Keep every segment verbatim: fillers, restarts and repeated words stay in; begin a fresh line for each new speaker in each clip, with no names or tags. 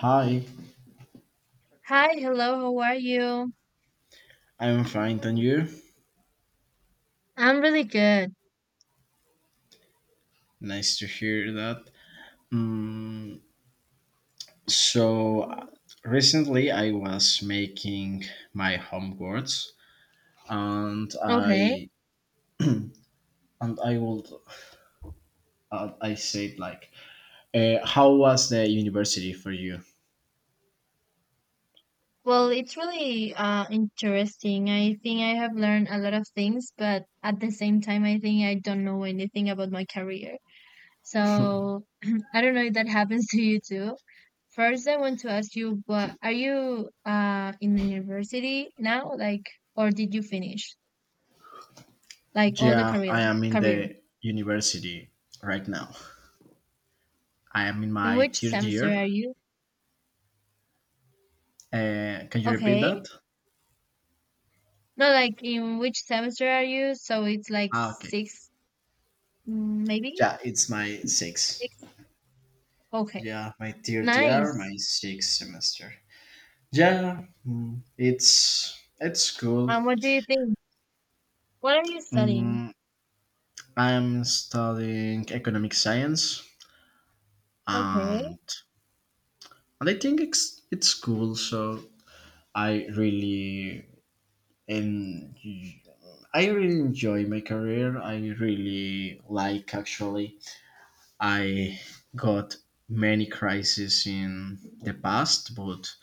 Hi,
Hi, hello, how are you?
I'm fine, and you?
I'm really good.
Nice to hear that. Mm, so, Recently I was making my homeworks, and
Okay.
I and I would uh, I said like, uh, how was the university for you?
Well, it's really uh interesting. I think I have learned a lot of things, but at the same time, I think I don't know anything about my career. So I don't know if that happens to you too. First, I want to ask you, what are you uh in university now, like, or did you finish like all the
Yeah, I
career
am in
career?
the university right now. I am in
In
my
which
third
semester are
year.
you?
Uh, can you repeat that?
Okay. No, like in which semester are you? So it's like
Ah, okay.
six, mm, maybe
Yeah, it's my sixth.
six. Okay,
Yeah, my third year,
nice.
my sixth semester. Yeah, mm, it's it's cool.
And what do you think? What are you studying?
Mm, I'm studying economic science,
Okay,
and and I think it's it's cool. So I really and I really enjoy my career. I really like actually. I got many crises in the past, but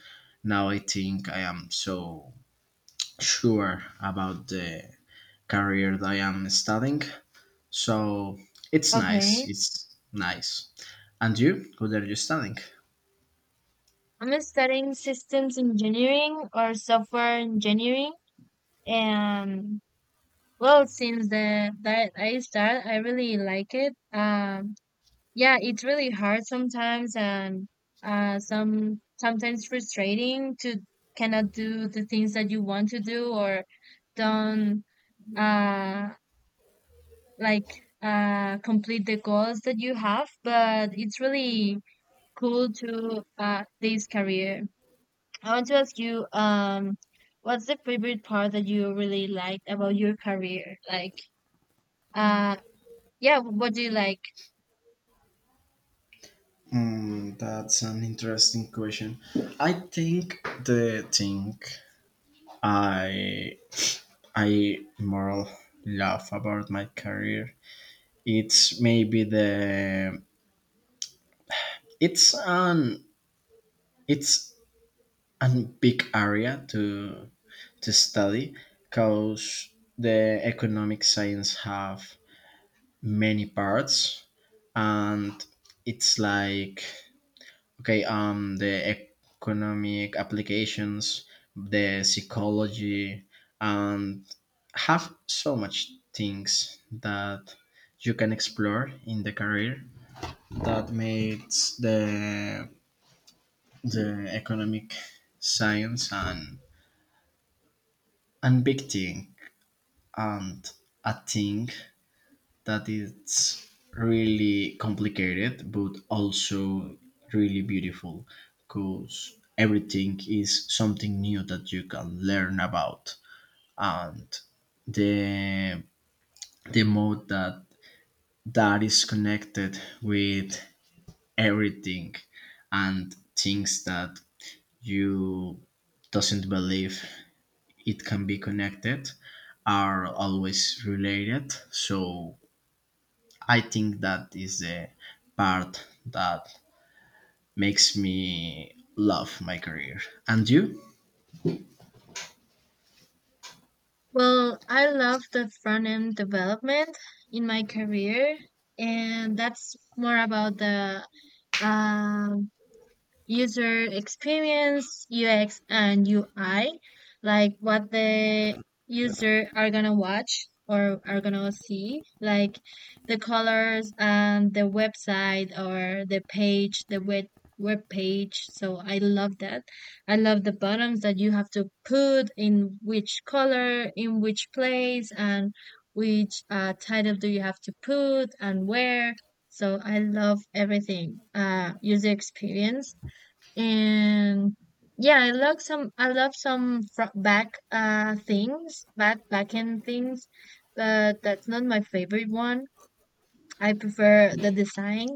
now I think I am so sure about the career that I am studying. So it's nice.
okay.
It's nice. And you? What are you studying?
I'm studying systems engineering or software engineering, and well, since the that I start, I really like it. Um, Yeah, it's really hard sometimes and uh some sometimes frustrating to cannot do the things that you want to do or don't uh like uh complete the goals that you have, but it's really cool to uh this career. I want to ask you um what's the favorite part that you really liked about your career? Like uh yeah, what do you like?
Hmm, that's an interesting question. I think the thing I I more love about my career it's maybe the it's an it's a big area to to study because the economic science have many parts, and it's like okay um the economic applications, the psychology, and have so much things that you can explore in the career, that makes the the economic science and and big thing, and a thing that it's really complicated but also really beautiful, because everything is something new that you can learn about, and the the mode that that is connected with everything, and things that you doesn't believe it can be connected are always related. So I think that is the part that makes me love my career. And you?
Well, I love the front end development in my career, and that's more about the um user experience, U X and U I, like what the user are gonna watch or are gonna see, like the colors and the website or the page, the web web page. So I love that. I love the buttons that you have to put in which color, in which place, and which uh, title do you have to put and where. So I love everything. Uh, user experience and yeah, I love some I love some fro- back uh things, back back end things, but that's not my favorite one. I prefer the design.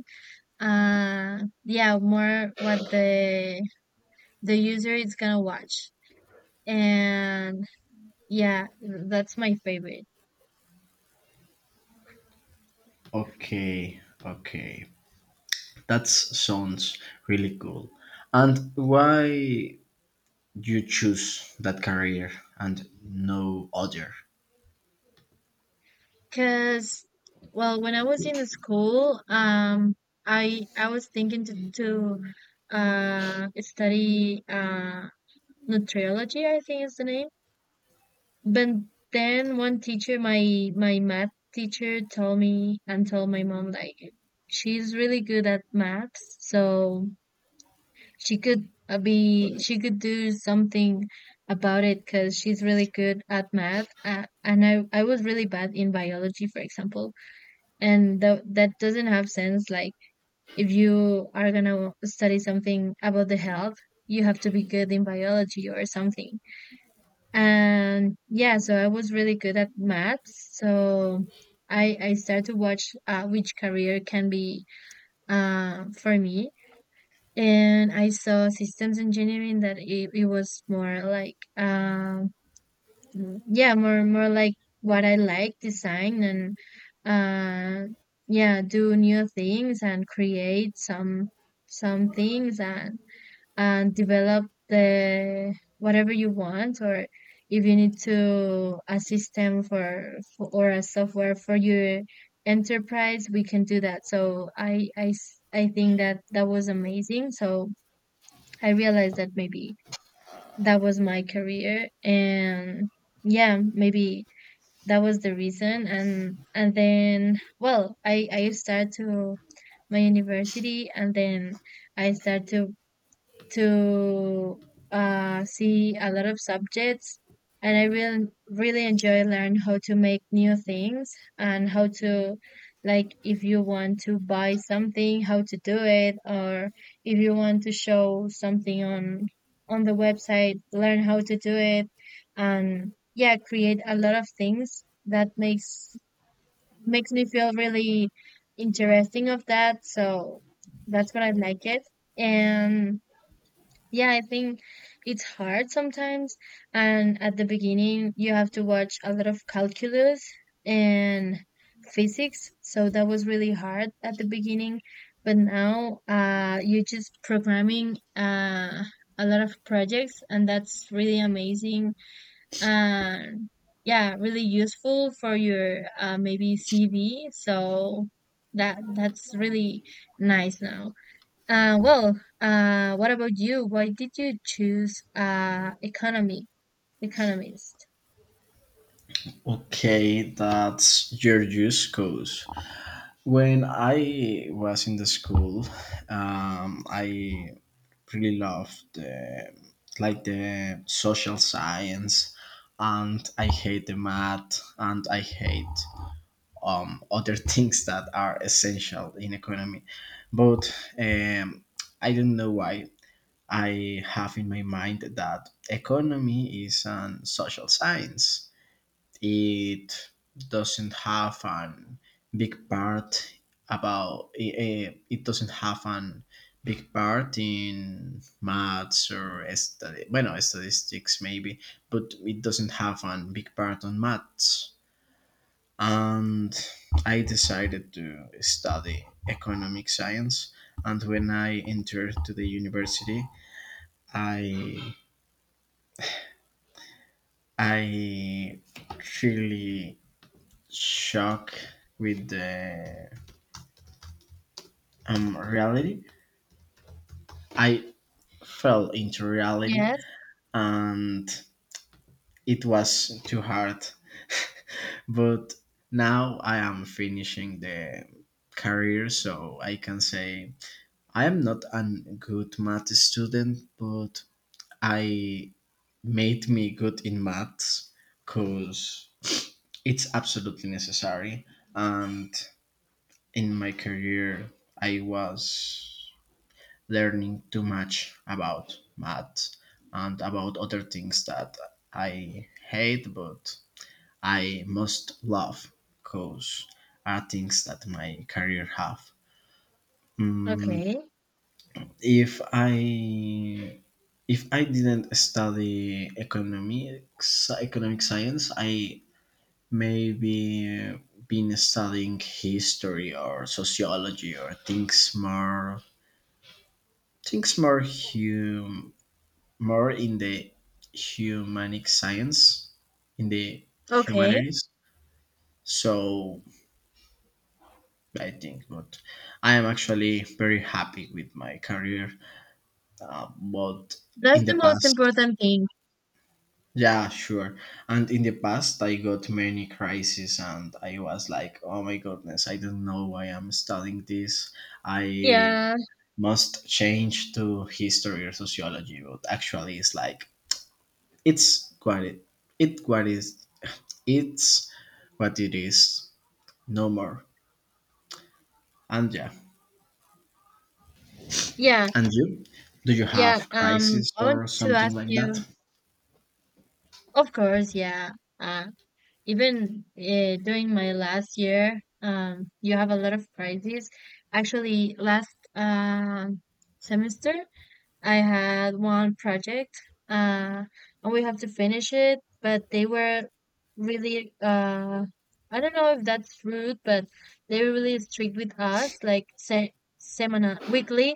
Uh yeah, more what the the user is gonna watch. And yeah, that's my favorite.
Okay, okay. That sounds really cool. And why you choose that career and no other?
Because, well, when I was in the school, um, I I was thinking to to uh study uh nutriology, I think is the name. But then one teacher, my my math teacher, told me and told my mom like she's really good at maths, so she could uh, be she could do something about it because she's really good at math. Uh, and I I was really bad in biology, for example, and that that doesn't have sense. Like if you are gonna study something about the health, you have to be good in biology or something and yeah, so I was really good at maths. So I I started to watch uh, which career can be uh, for me. And I saw systems engineering that it, it was more like um yeah, more more like what I like, design and uh yeah, do new things and create some some things and and develop the whatever you want or if you need to a system for, for or a software for your enterprise we can do that so I, I s- I think that that was amazing so I realized that maybe that was my career and yeah maybe that was the reason and and then well i i start to my university and then I start to to uh, see a lot of subjects and I will really enjoy learn how to make new things and how to like if you want to buy something how to do it or if you want to show something on on the website learn how to do it and yeah create a lot of things that makes makes me feel really interesting of that so that's what I like it and yeah, I think it's hard sometimes. And at the beginning, you have to watch a lot of calculus and physics. So that was really hard at the beginning. But now, uh, you're just programming, uh, a lot of projects, and that's really amazing. And yeah, really useful for your, uh, maybe C V. So that, that's really nice now. Uh, well, uh, what about you? Why did you choose uh, economy, economist?
Okay, that's your use cause. When I was in the school, um, I really loved uh, like the social science, and I hate the math, and I hate um, other things that are essential in economy. But um, I don't know why I have in my mind that economy is an social science, it doesn't have an big part about it, it doesn't have an big part in maths or stati- bueno, statistics maybe, but it doesn't have an big part on maths, and I decided to study economic science. And when I entered to the university, i i really shocked with the um, reality. I fell into reality,
Yes.
and it was too hard. But now I am finishing the career, so I can say I am not a good math student, but I made me good in maths because it's absolutely necessary. And in my career, I was learning too much about math and about other things that I hate but I most love because are things that my career have. Mm,
Okay.
if I if I didn't study economics economic science, I maybe been studying history or sociology or things more things more hum, more in the humanic science, in the
Okay.
humanities. So I think, but I am actually very happy with my career. Uh, but
That's
in the
the most
past,
important thing.
yeah, sure. And in the past, I got many crises, and I was like, oh my goodness, I don't know why I'm studying this. I
Yeah.
must change to history or sociology. But actually, it's like it's quite it. Quite is. It's what it is, no more. And yeah,
Yeah.
and you? Do you
Yeah.
have
Um,
crisis
I want
or
to
something
ask
like that?
you. Of course. Yeah. Uh, even uh, during my last year, um, you have a lot of prizes. Actually, last um semester, I had one project, uh, and we have to finish it, but they were really, uh, I don't know if that's rude, but they were really strict with us, like se seminar weekly.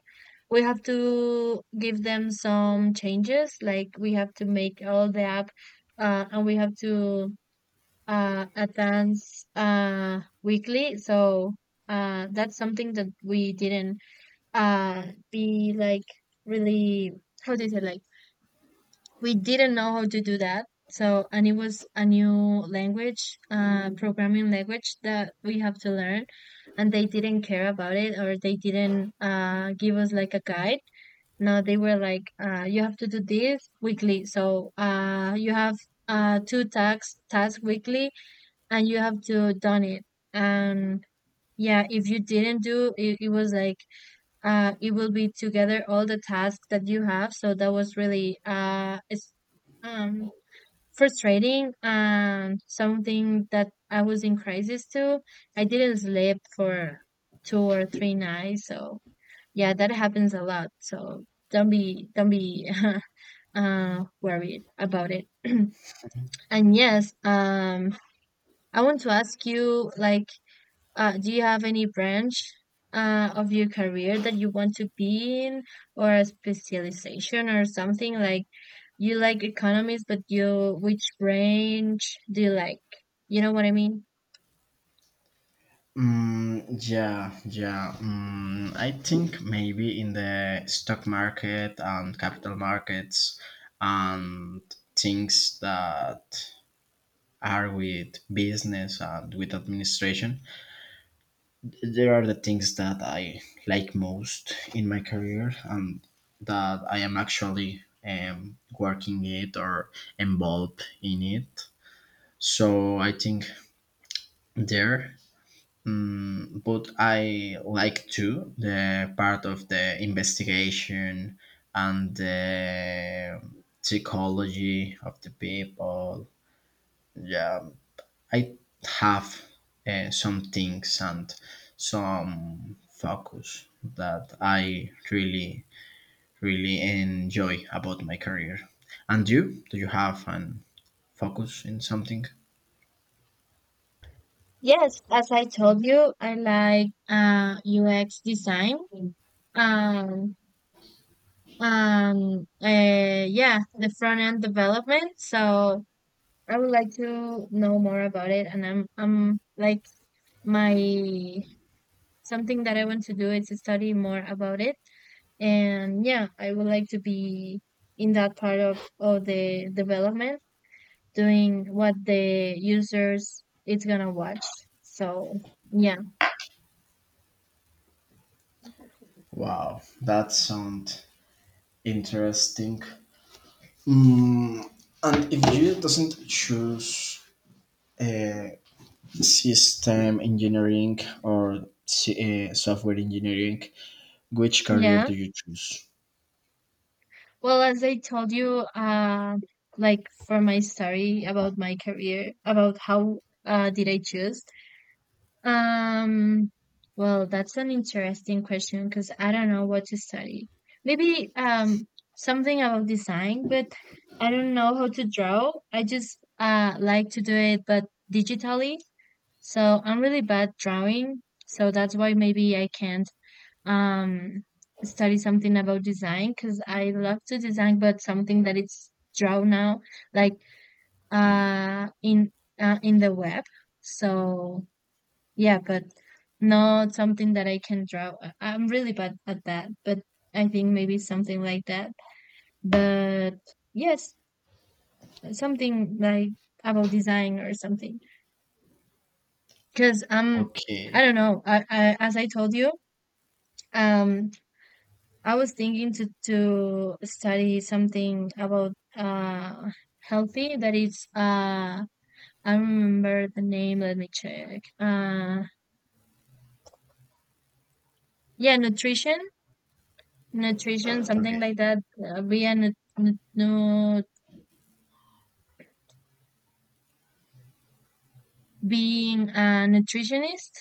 We have to give them some changes, like we have to make all the app, uh, and we have to uh, advance uh, weekly. So uh, that's something that we didn't uh be like really, how do you say, like we didn't know how to do that so and it was a new language uh programming language that we have to learn and they didn't care about it or they didn't uh give us like a guide. No, they were like uh you have to do this weekly, so uh you have uh two tasks tasks weekly and you have to done it. And yeah, if you didn't do it it was like uh, it will be together all the tasks that you have. So that was really uh, it's um, frustrating and something that I was in crisis too. I didn't sleep for two or three nights. So yeah, that happens a lot. So don't be don't be uh, worried about it. And yes, um, I want to ask you like. Uh, do you have any branch uh, of your career that you want to be in, or a specialization or something? Like you like economics, but you which branch do you like? You know what I mean?
Mm, yeah, yeah. Mm, I think maybe in the stock market and capital markets, and things that are with business and with administration, there are the things that I like most in my career, and that I am actually um, working it or involved in it. So I think there. Mm, but I like too the part of the investigation and the psychology of the people. Yeah, I have uh, some things and some focus that I really, really enjoy about my career. And you? Do you have an focus in something?
Yes, as I told you, I like uh, U X design. Um, um, uh, yeah, the front end development. So I would like to know more about it, and I'm I'm like my something that I want to do is to study more about it. And yeah, I would like to be in that part of, of the development, doing what the users is gonna watch. So yeah,
Wow, that sounds interesting. Mm, and if you doesn't choose uh, system engineering or s- uh, software engineering, which career
yeah.
do you choose?
Well, as I told you, uh, like for my story about my career, about how uh, did I choose? Um, well, that's an interesting question because I don't know what to study. Maybe um something about design, but I don't know how to draw. I just uh like to do it but digitally. So I'm really bad drawing. So that's why maybe I can't um study something about design because I love to design but something that it's draw now, like uh in uh, in the web. So yeah, but not something that I can draw. I- I'm really bad at that, but I think maybe something like that. But yes, something like about design or something. Because um,
Okay,
I don't know. I, I as I told you, um, I was thinking to to study something about uh healthy. That is uh, I don't remember the name. Let me check. Uh, yeah, nutrition nutrition, something
okay.
like that. Uh, be a nu- nu- nu- being a nutritionist.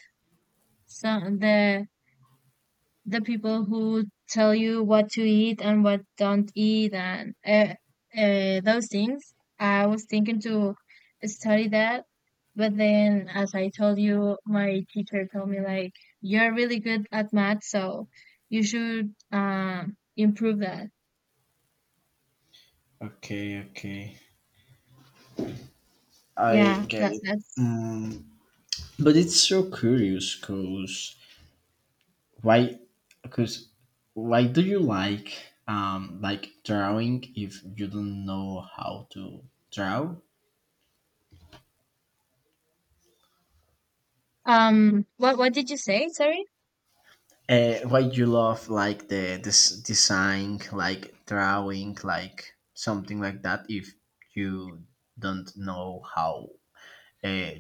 So the the people who tell you what to eat and what don't eat and uh, uh, those things. I was thinking to study that, but then as I told you, my teacher told me like you're really good at math, so you should um improve that.
Okay, okay. I
Yeah,
get
that
it.
that's
Mm, but it's so curious cause why cause why do you like um like drawing if you don't know how to draw?
um. What what did you say? Sorry.
Uh, why you love like the this design like drawing like something like that if you don't know how uh,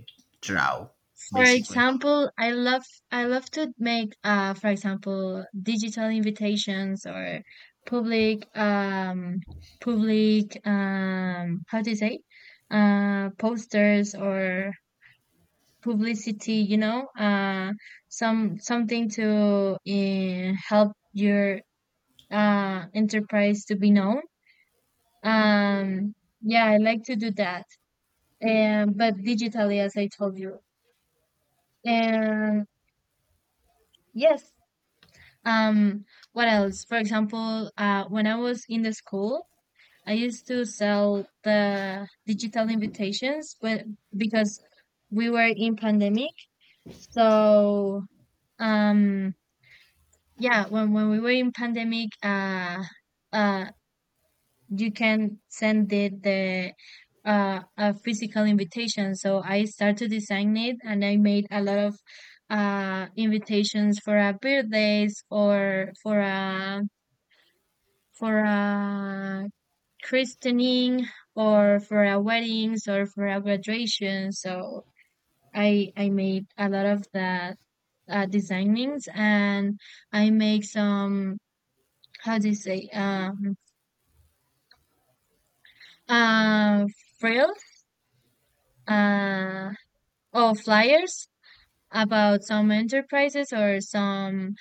draw
For
basically.
example, I love I love to make uh for example digital invitations or public um public, um how do you say, uh posters or publicity, you know, uh some something to uh, help your uh enterprise to be known. Um yeah, I like to do that. Um but digitally as I told you. And yes, Um, what else? For example, uh, when I was in the school, I used to sell the digital invitations, but because we were in pandemic, so um, yeah, when when we were in pandemic, uh, uh, you can send the the uh, a physical invitation. So I started to design it, and I made a lot of uh invitations for our birthdays or for a for a christening or for a weddings or for a graduation. So I I made a lot of that uh, designings and I make some, how do you say, um uh frills uh or flyers about some enterprises or some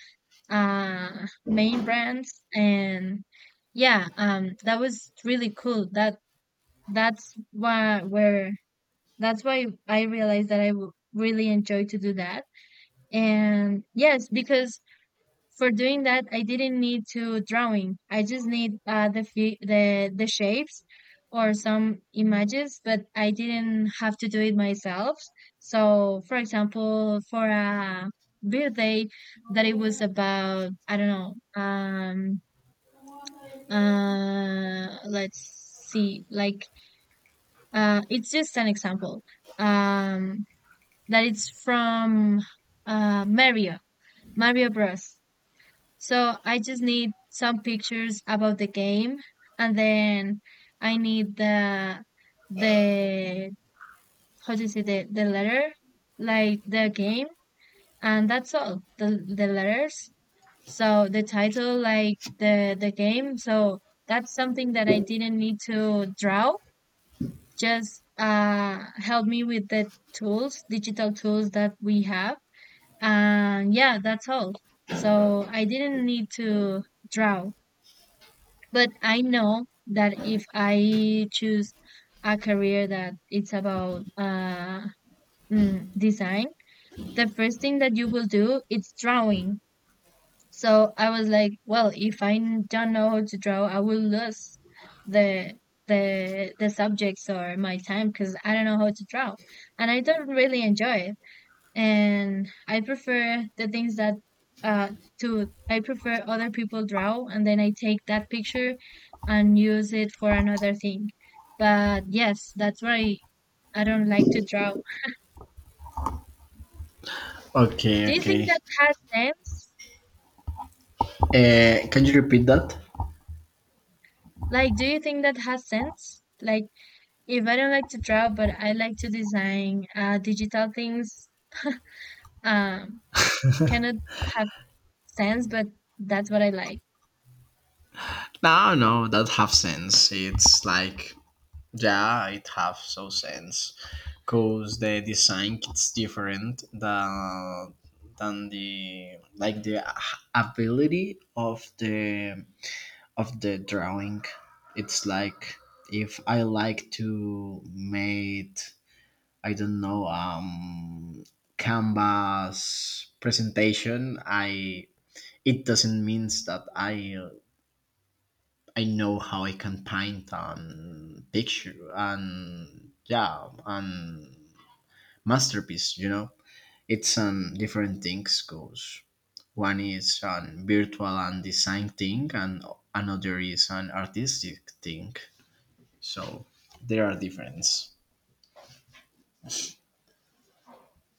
uh main brands. And yeah, um that was really cool. that that's why where That's why I realized that I w really enjoy to do that. And yes, because for doing that, I didn't need to drawing. I just need uh, the fe the the shapes or some images, but I didn't have to do it myself. So, for example, for a birthday that it was about, I don't know, um, uh, let's see, like, uh, it's just an example. Um, that it's from uh, Mario, Mario Bros. So I just need some pictures about the game, and then I need the the how do you say the the letter, like the game, and that's all. The the letters. So the title, like the the game. So that's something that I didn't need to draw. Just uh help me with the tools, digital tools that we have. And yeah, that's all. So I didn't need to draw. But I know that if I choose a career that it's about uh, mm, design, the first thing that you will do is drawing. So I was like, well, if I n- don't know how to draw, I will lose the the the subjects or my time because I don't know how to draw, and I don't really enjoy it, and I prefer the things that uh to I prefer other people draw and then I take that picture and use it for another thing. But yes, that's why I don't like to draw.
Okay,
Do you think
okay.
that has sense?
Uh, can you repeat that?
Like, do you think that has sense? Like, if I don't like to draw, but I like to design uh, digital things, um, cannot have sense, but that's what I like.
No, no, that have sense. It's like yeah, it have so sense because the design it's different than than the like the ability of the of the drawing. It's like if I like to make I don't know um canvas presentation, I it doesn't means that I I know how I can paint and picture and yeah and masterpiece. You know, it's um different things goes. One is an virtual and design thing, and another is an artistic thing. So there are difference.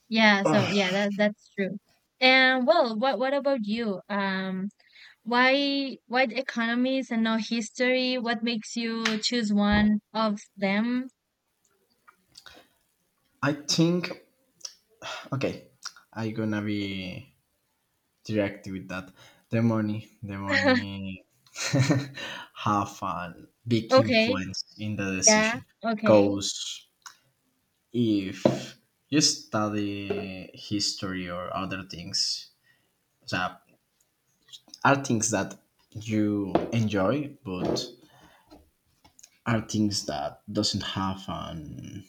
Yeah, so
Ugh,
yeah, that that's true. And well, what what about you? Um, why why the economies and no history? What makes you choose one of them?
I think okay, I gonna be directly with that. The money, the money have a big
Okay,
influence in the
yeah,
decision.
okay,
Because if you study history or other things that are things that you enjoy, but are things that doesn't have an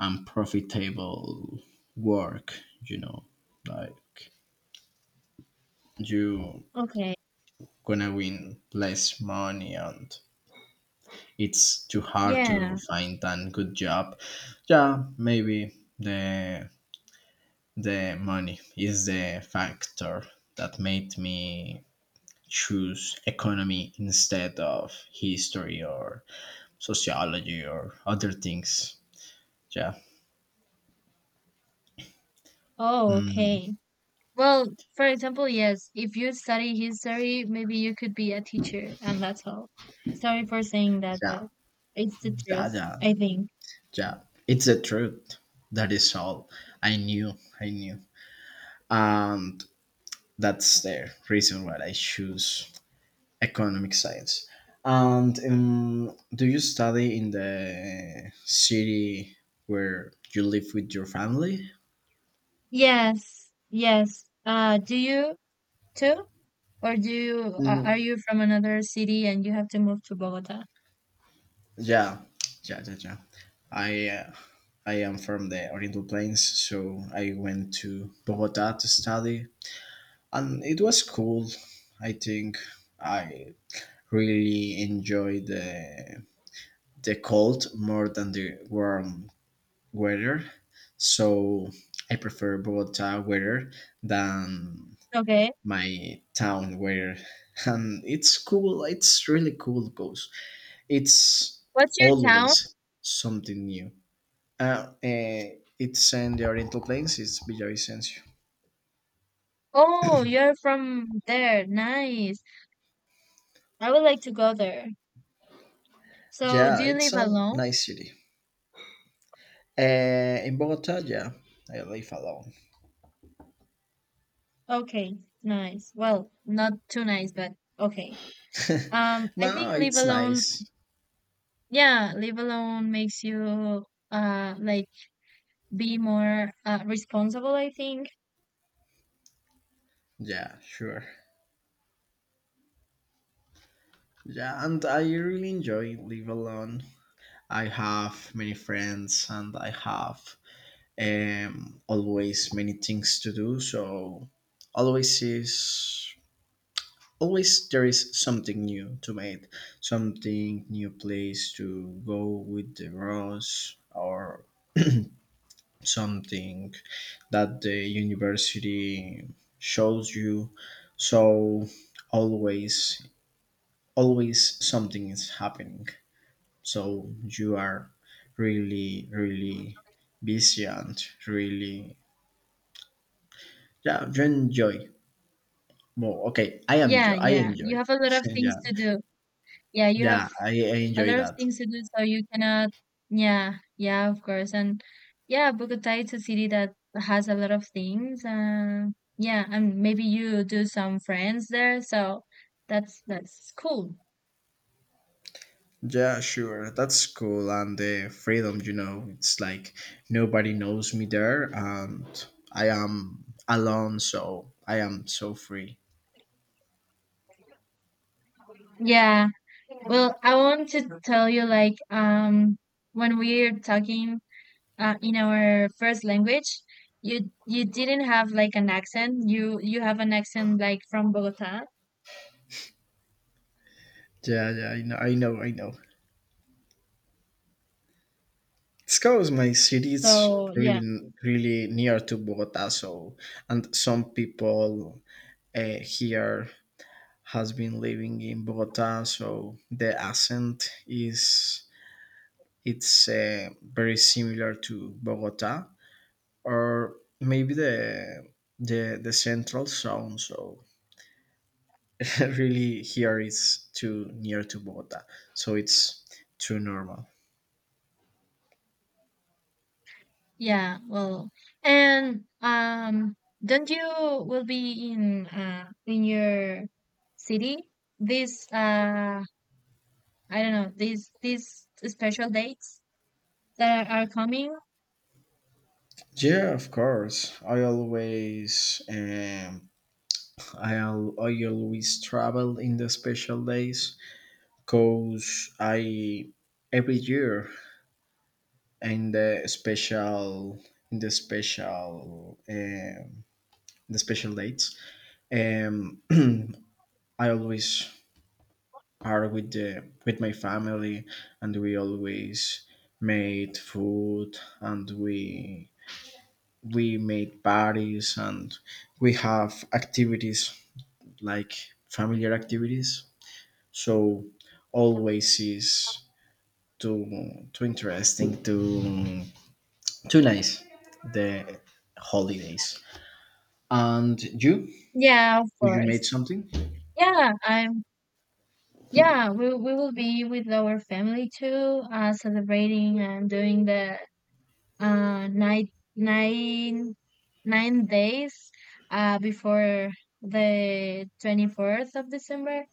unprofitable work, you know, like you
okay,
gonna win less money and it's too hard to
yeah.
find a good job. Yeah, maybe the the money is the factor that made me choose economy instead of history or sociology or other things. Yeah.
Oh,
Mm,
okay. Well, for example, yes, if you study history, maybe you could be a teacher, and that's all. Sorry for saying that,
yeah.
but it's the
Yeah.
truth,
Yeah.
I think.
Yeah. It's the truth. That is all. I knew. I knew. And that's the reason why I choose economic science. And um, do you study in the city where you live with your family?
Yes, yes. Uh, do you too? Or do you a- are
Mm,
you from another city and you have to move to Bogota?
yeah, yeah, yeah, yeah. I uh, I am from the Oriental Plains, so I went to Bogota to study, and it was cool. I think I really enjoyed the the cold more than the warm weather. So I prefer Bogota weather than
Okay.
my town weather. And it's cool. It's really cool because it's
What's your town?
always something new. Uh, eh, it's in the Oriental Plains. It's Villavicencio.
Oh, you're from there. Nice. I would like to go there. So,
Yeah,
do you
it's
live
a
alone?
nice city. Uh, in Bogota, yeah, I live alone.
Okay. Nice. Well, not too nice, but okay. Um, I
No,
think live
it's
alone,
nice.
yeah, live alone makes you uh like be more uh, responsible, I think.
Yeah, sure. Yeah, and I really enjoy live alone. I have many friends and I have um, always many things to do. So always is always there is something new to make, something new place to go with the roads or something that the university shows you. So always always something is happening. So you are really, really busy and really, yeah, you enjoy. Well, okay, I enjoy.
Yeah,
I
yeah.
enjoy.
You have a lot of things
Yeah,
to do. Yeah, you have
yeah, I, I
a
enjoy
lot of
that.
things to do, so you cannot. Yeah, yeah, of course, and yeah, Bogota is a city that has a lot of things. Uh, yeah, and maybe you do some friends there, so that's that's cool.
Yeah, sure. That's cool. And the freedom, you know, it's like nobody knows me there and I am alone, so I am so free.
Yeah. Well, I want to tell you like um when we're talking uh, in our first language, you you didn't have like an accent. You you have an accent like from Bogota.
Yeah, yeah, I know, I know, I know. It's because my city is
So yeah.
really, really near to Bogota, so and some people uh, here has been living in Bogota, so the accent is it's uh, very similar to Bogota, or maybe the the the central zone. So really, here is too near to Bogota, so it's too normal.
Yeah, well, and um, don't you will be in uh in your city this uh I don't know these these special dates that are coming?
Yeah, of course. I always um, I al- I always travel in the special days because I every year In the special in the special um, the special dates um, I always are with the with my family, and we always made food, and we we made parties, and we have activities like familiar activities. So always is too too interesting, too too nice, the holidays. And you?
Yeah, of
Did you made
course.
something?
Yeah, I'm. Yeah, we we will be with our family too, uh, celebrating and doing the uh night nine nine days uh before the twenty-fourth of December.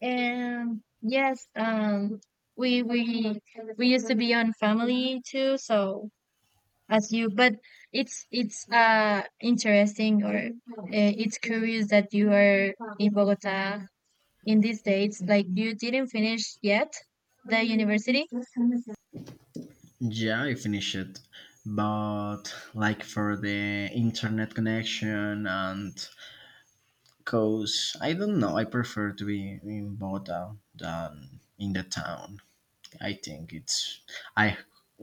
And yes, um, we we we used to be on family too. So as you, but it's it's uh interesting or uh, it's curious that you are in Bogota in these days. Like you didn't finish yet the university.
Yeah, I finished it. But like for the internet connection, and cause I don't know, I prefer to be in Bogota than in the town. I think it's I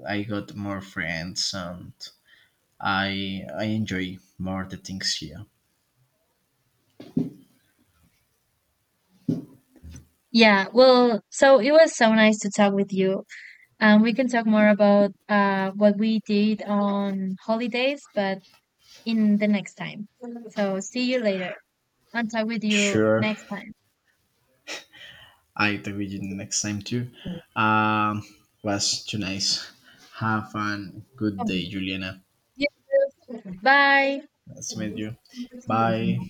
I got more friends and I I enjoy more the things here.
Yeah, well, so it was so nice to talk with you. Um, we can talk more about uh what we did on holidays, but in the next time. So see you later. And talk with you
Sure.
next time.
I talk with you the next time too. Um was too nice. Have a good day, Juliana.
Yeah, bye.
Nice to meet you. Bye.